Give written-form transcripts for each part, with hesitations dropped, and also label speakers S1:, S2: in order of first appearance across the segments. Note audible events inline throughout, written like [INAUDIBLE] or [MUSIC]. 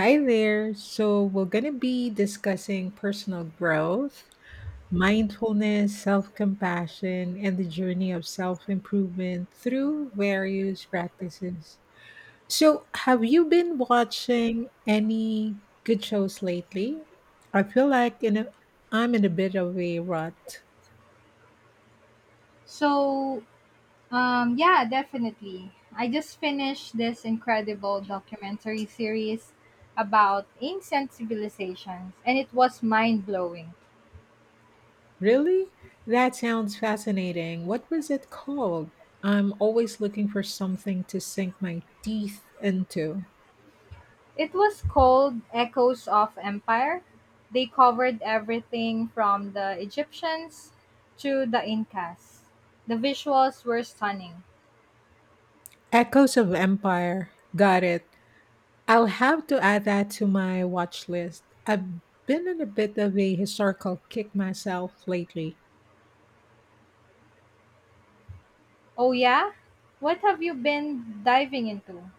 S1: Hi there. So, we're going to be discussing personal growth, mindfulness, self compassion, and the journey of self improvement through various practices. So, have you been watching any good shows lately? I feel like I'm in a bit of a rut.
S2: So, yeah, definitely. I just finished this incredible documentary series about ancient civilizations, and it was mind blowing.
S1: Really? That sounds fascinating. What was it called? I'm always looking for something to sink my teeth into.
S2: It was called Echoes of Empire. They covered everything from the Egyptians to the Incas. The visuals were stunning.
S1: Echoes of Empire. Got it. I'll have to add that to my watch list. I've been on a bit of a historical kick myself lately.
S2: Oh, yeah? What have you been diving into?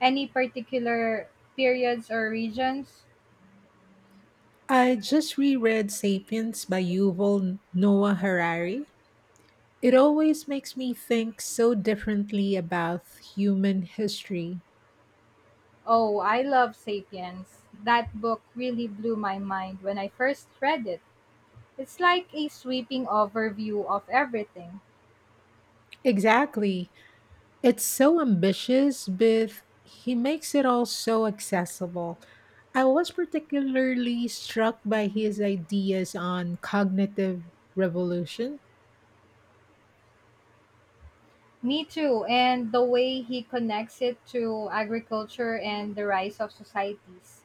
S2: Any particular periods or regions?
S1: I just reread Sapiens by Yuval Noah Harari. It always makes me think so differently about human history.
S2: Oh, I love Sapiens. That book really blew my mind when I first read it. It's like a sweeping overview of everything.
S1: Exactly. It's so ambitious, but he makes it all so accessible. I was particularly struck by his ideas on cognitive revolution.
S2: Me too, and the way he connects it to agriculture and the rise of societies.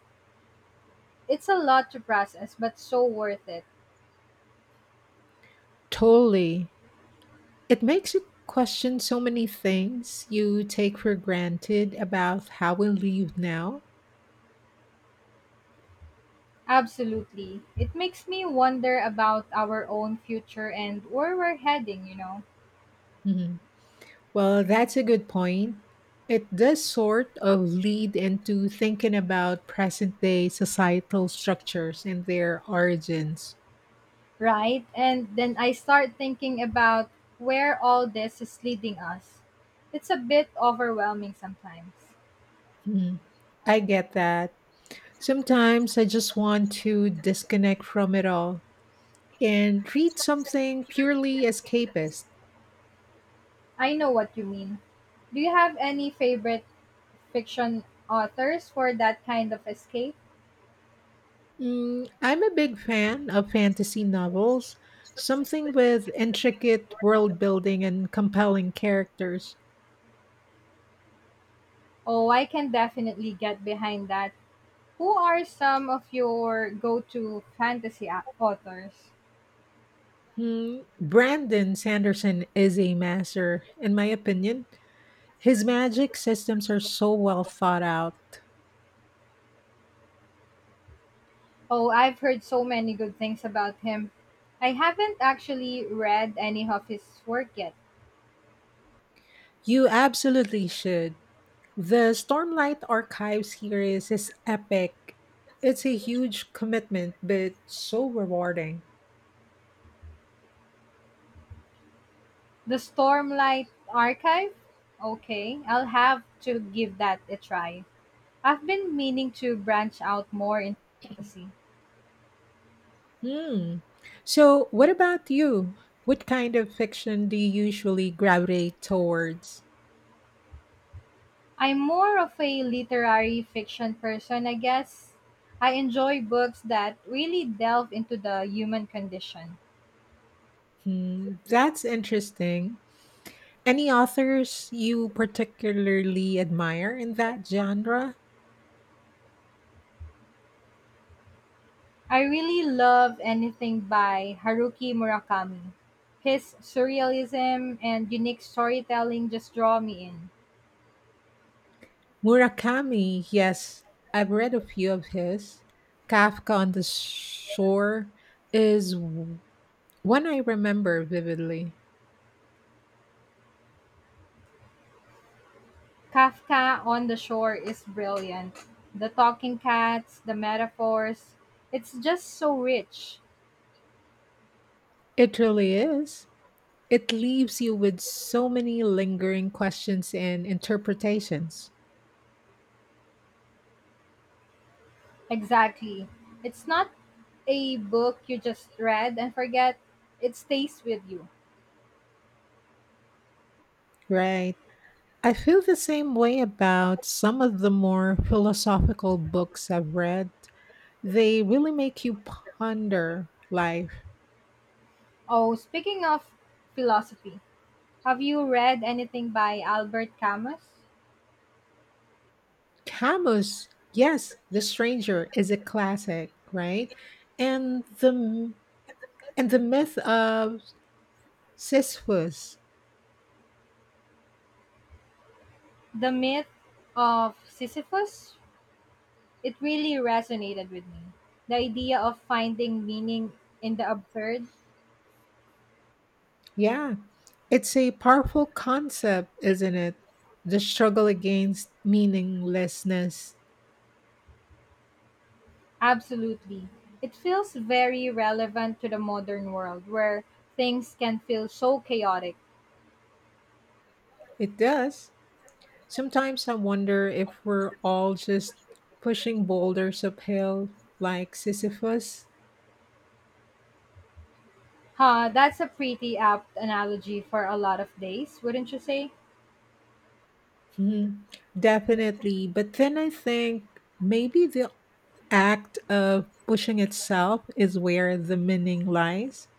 S2: It's a lot to process, but so worth it.
S1: Totally. It makes you question so many things you take for granted about how we live now.
S2: Absolutely. It makes me wonder about our own future and where we're heading.
S1: Mhm. Well, that's a good point. It does sort of lead into thinking about present day societal structures and their origins.
S2: Right? And then I start thinking about where all this is leading us. It's a bit overwhelming sometimes.
S1: I get that. Sometimes I just want to disconnect from it all and read something purely escapist.
S2: I know what you mean. Do you have any favorite fiction authors for that kind of escape?
S1: I'm a big fan of fantasy novels, something with intricate world building and compelling characters.
S2: Oh, I can definitely get behind that. Who are some of your go to fantasy authors?
S1: Brandon Sanderson is a master, in my opinion. His magic systems are so well thought out.
S2: Oh, I've heard so many good things about him. I haven't actually read any of his work yet.
S1: You absolutely should. The Stormlight Archive series is epic. It's a huge commitment, but so rewarding.
S2: The Stormlight Archive? Okay, I'll have to give that a try. I've been meaning to branch out more into fantasy.
S1: Hmm. So, what about you? What kind of fiction do you usually gravitate towards?
S2: I'm more of a literary fiction person, I guess. I enjoy books that really delve into the human condition.
S1: Hmm. That's interesting. Any authors you particularly admire in that genre?
S2: I really love anything by Haruki Murakami. His surrealism and unique storytelling just draw me in.
S1: Murakami, yes, I've read a few of his. Kafka on the Shore is one I remember vividly.
S2: Kafka on the Shore is brilliant. The talking cats, the metaphors, it's just so rich.
S1: It really is. It leaves you with so many lingering questions and interpretations.
S2: Exactly. It's not a book you just read and forget, it stays with you.
S1: Right. I feel the same way about some of the more philosophical books I've read. They really make you ponder life.
S2: Oh, speaking of philosophy, have you read anything by Albert Camus?
S1: Camus, yes, The Stranger is a classic, right? And the and the myth of Sisyphus.
S2: The Myth of Sisyphus? It really resonated with me. The idea of finding meaning in the absurd.
S1: Yeah, it's a powerful concept, isn't it? The struggle against meaninglessness.
S2: Absolutely. It feels very relevant to the modern world where things can feel so chaotic.
S1: It does. Sometimes I wonder if we're all just pushing boulders uphill like Sisyphus.
S2: Huh, that's a pretty apt analogy for a lot of days, wouldn't you say?
S1: Mhm. Definitely. But then I think maybe the act of pushing itself is where the meaning lies.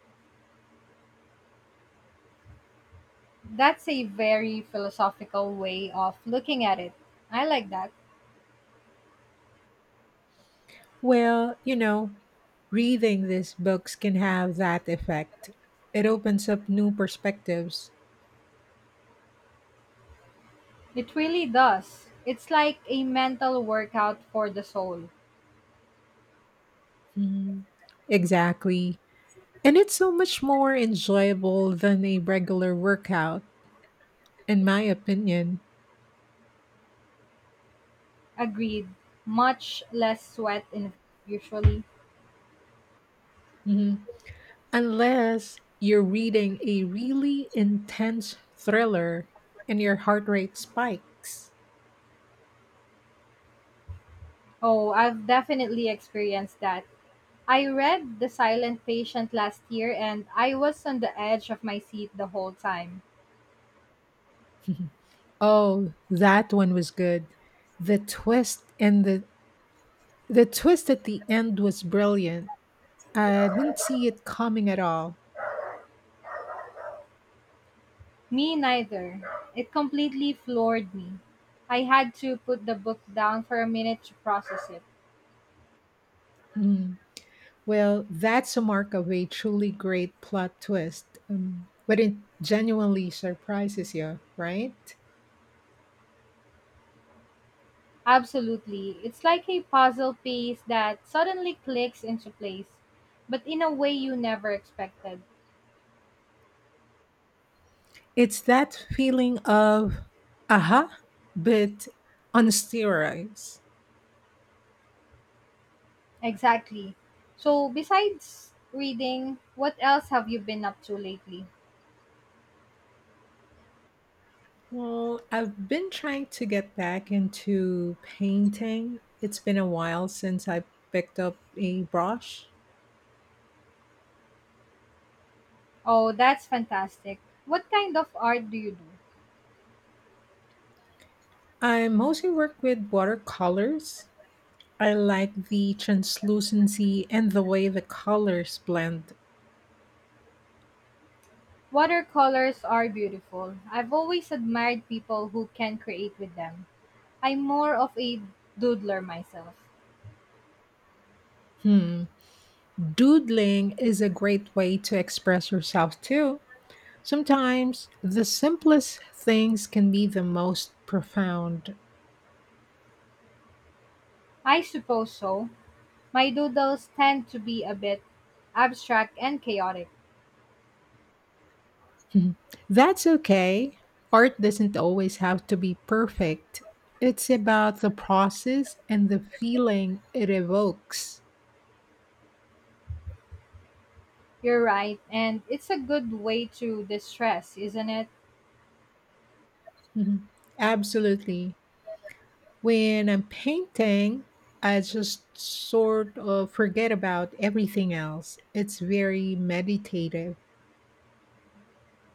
S2: That's a very philosophical way of looking at it. I like that.
S1: Well, you know, reading these books can have that effect. It opens up new perspectives.
S2: It really does. It's like a mental workout for the soul.
S1: Mhm. Exactly. And it's so much more enjoyable than a regular workout, in my opinion.
S2: Agreed. Much less sweat in usually.
S1: Mhm. Unless you're reading a really intense thriller and your heart rate spikes.
S2: Oh, I've definitely experienced that. I read The Silent Patient last year and I was on the edge of my seat the whole time.
S1: [LAUGHS] Oh, that one was good. The twist and the twist at the end was brilliant. I didn't see it coming at all.
S2: Me neither. It completely floored me. I had to put the book down for a minute to process it.
S1: Hmm. Well, that's a mark of a truly great plot twist. But it genuinely surprises you, right?
S2: Absolutely. It's like a puzzle piece that suddenly clicks into place, but in a way you never expected.
S1: It's that feeling of aha, but on steroids.
S2: Exactly. So, besides reading, what else have you been up to lately?
S1: Well, I've been trying to get back into painting. It's been a while since I picked up a brush.
S2: Oh, that's fantastic. What kind of art do you do?
S1: I mostly work with watercolors. I like the translucency and the way the colors blend.
S2: Watercolors are beautiful. I've always admired people who can create with them. I'm more of a doodler myself.
S1: Hmm. Doodling is a great way to express yourself too. Sometimes the simplest things can be the most profound.
S2: I suppose so. My doodles tend to be a bit abstract and chaotic.
S1: [LAUGHS] Mhm. That's okay. Art doesn't always have to be perfect. It's about the process and the feeling it evokes.
S2: You're right, and it's a good way to distress, isn't it?
S1: Mhm. Absolutely. When I'm painting, I just sort of forget about everything else. It's very meditative.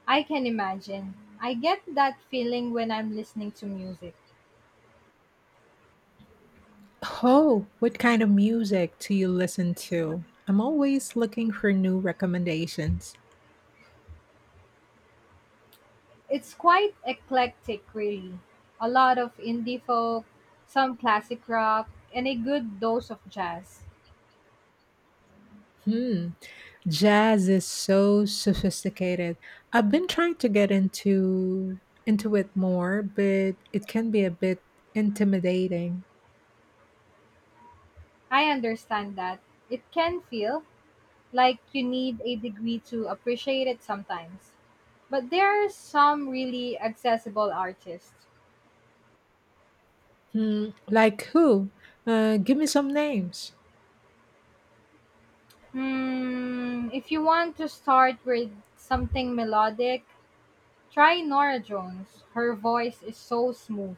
S2: I can imagine. I get that feeling when I'm listening to music.
S1: Oh, what kind of music do you listen to? I'm always looking for new recommendations.
S2: It's quite eclectic, really. A lot of indie folk, some classic rock, and a good dose of jazz.
S1: Hmm. Jazz is so sophisticated. I've been trying to get into it more, but it can be a bit intimidating.
S2: I understand that. It can feel like you need a degree to appreciate it sometimes. But there are some really accessible artists.
S1: Hmm, like who? Give me some names.
S2: Hmm, if you want to start with something melodic, try Nora Jones. Her voice is so smooth.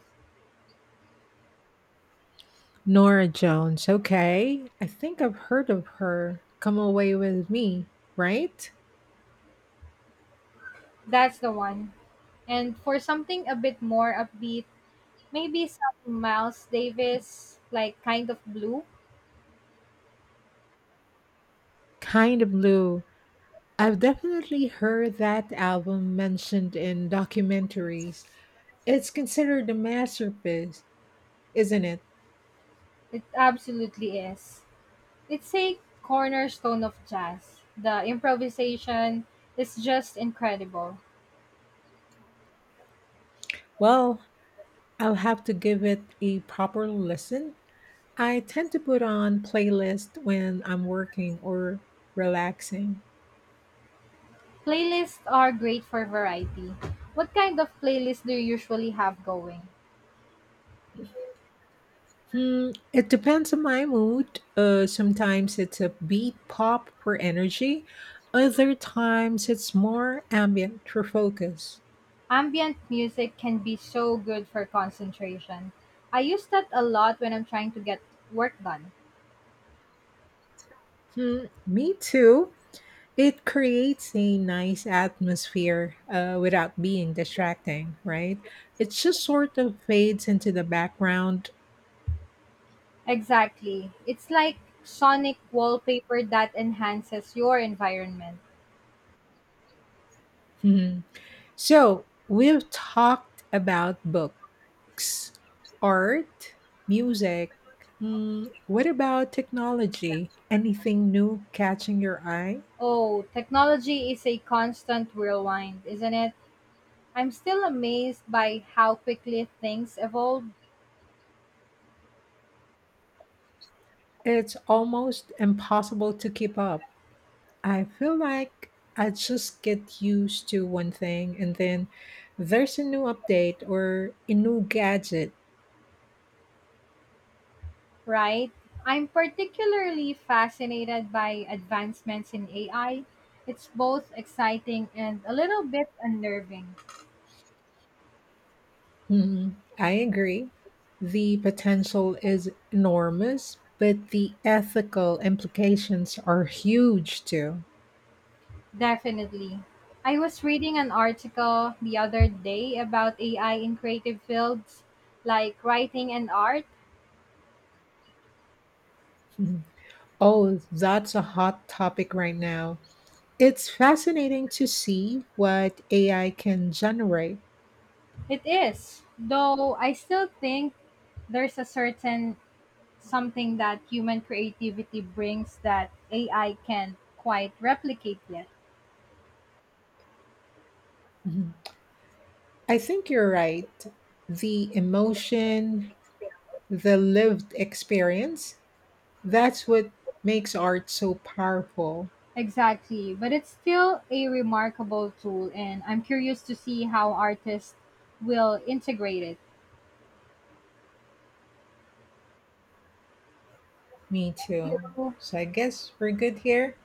S1: Nora Jones. Okay, I think I've heard of her. Come away with me, right?
S2: That's the one. And for something a bit more upbeat, maybe some Miles Davis, like Kind of Blue.
S1: Kind of blue. I've definitely heard that album mentioned in documentaries. It's considered a masterpiece, isn't it?
S2: It absolutely is. It's a cornerstone of jazz. The improvisation is just incredible.
S1: Well, I'll have to give it a proper listen. I tend to put on playlist when I'm working or relaxing.
S2: Playlists are great for variety. What kind of playlist do you usually have going?
S1: Hmm, it depends on my mood. Sometimes it's a beat pop for energy. Other times it's more ambient for focus.
S2: Ambient music can be so good for concentration. I use that a lot when I'm trying to get work done.
S1: Hmm, me too. It creates a nice atmosphere without being distracting, right? It just sort of fades into the background.
S2: Exactly. It's like sonic wallpaper that enhances your environment.
S1: Mhm. So, we've talked about books, art, music. What about technology? Anything new catching your eye?
S2: Oh, technology is a constant whirlwind, isn't it? I'm still amazed by how quickly things evolve,
S1: It's almost impossible to keep up. I feel like I just get used to one thing and then there's a new update or a new gadget.
S2: right? I'm particularly fascinated by advancements in AI. It's both exciting and a little bit unnerving.
S1: Mhm. I agree. The potential is enormous, but the ethical implications are huge too.
S2: Definitely. I was reading an article the other day about AI in creative fields like writing and art.
S1: Mhm. Oh, that's a hot topic right now. It's fascinating to see what AI can generate.
S2: It is, though I still think there's a certain something that human creativity brings that AI can't quite replicate yet.
S1: Mhm. I think you're right. The emotion, the lived experience, that's what makes art so powerful.
S2: Exactly, but it's still a remarkable tool, and I'm curious to see how artists will integrate it.
S1: Me too.
S2: Thank you.
S1: So I guess we're good here.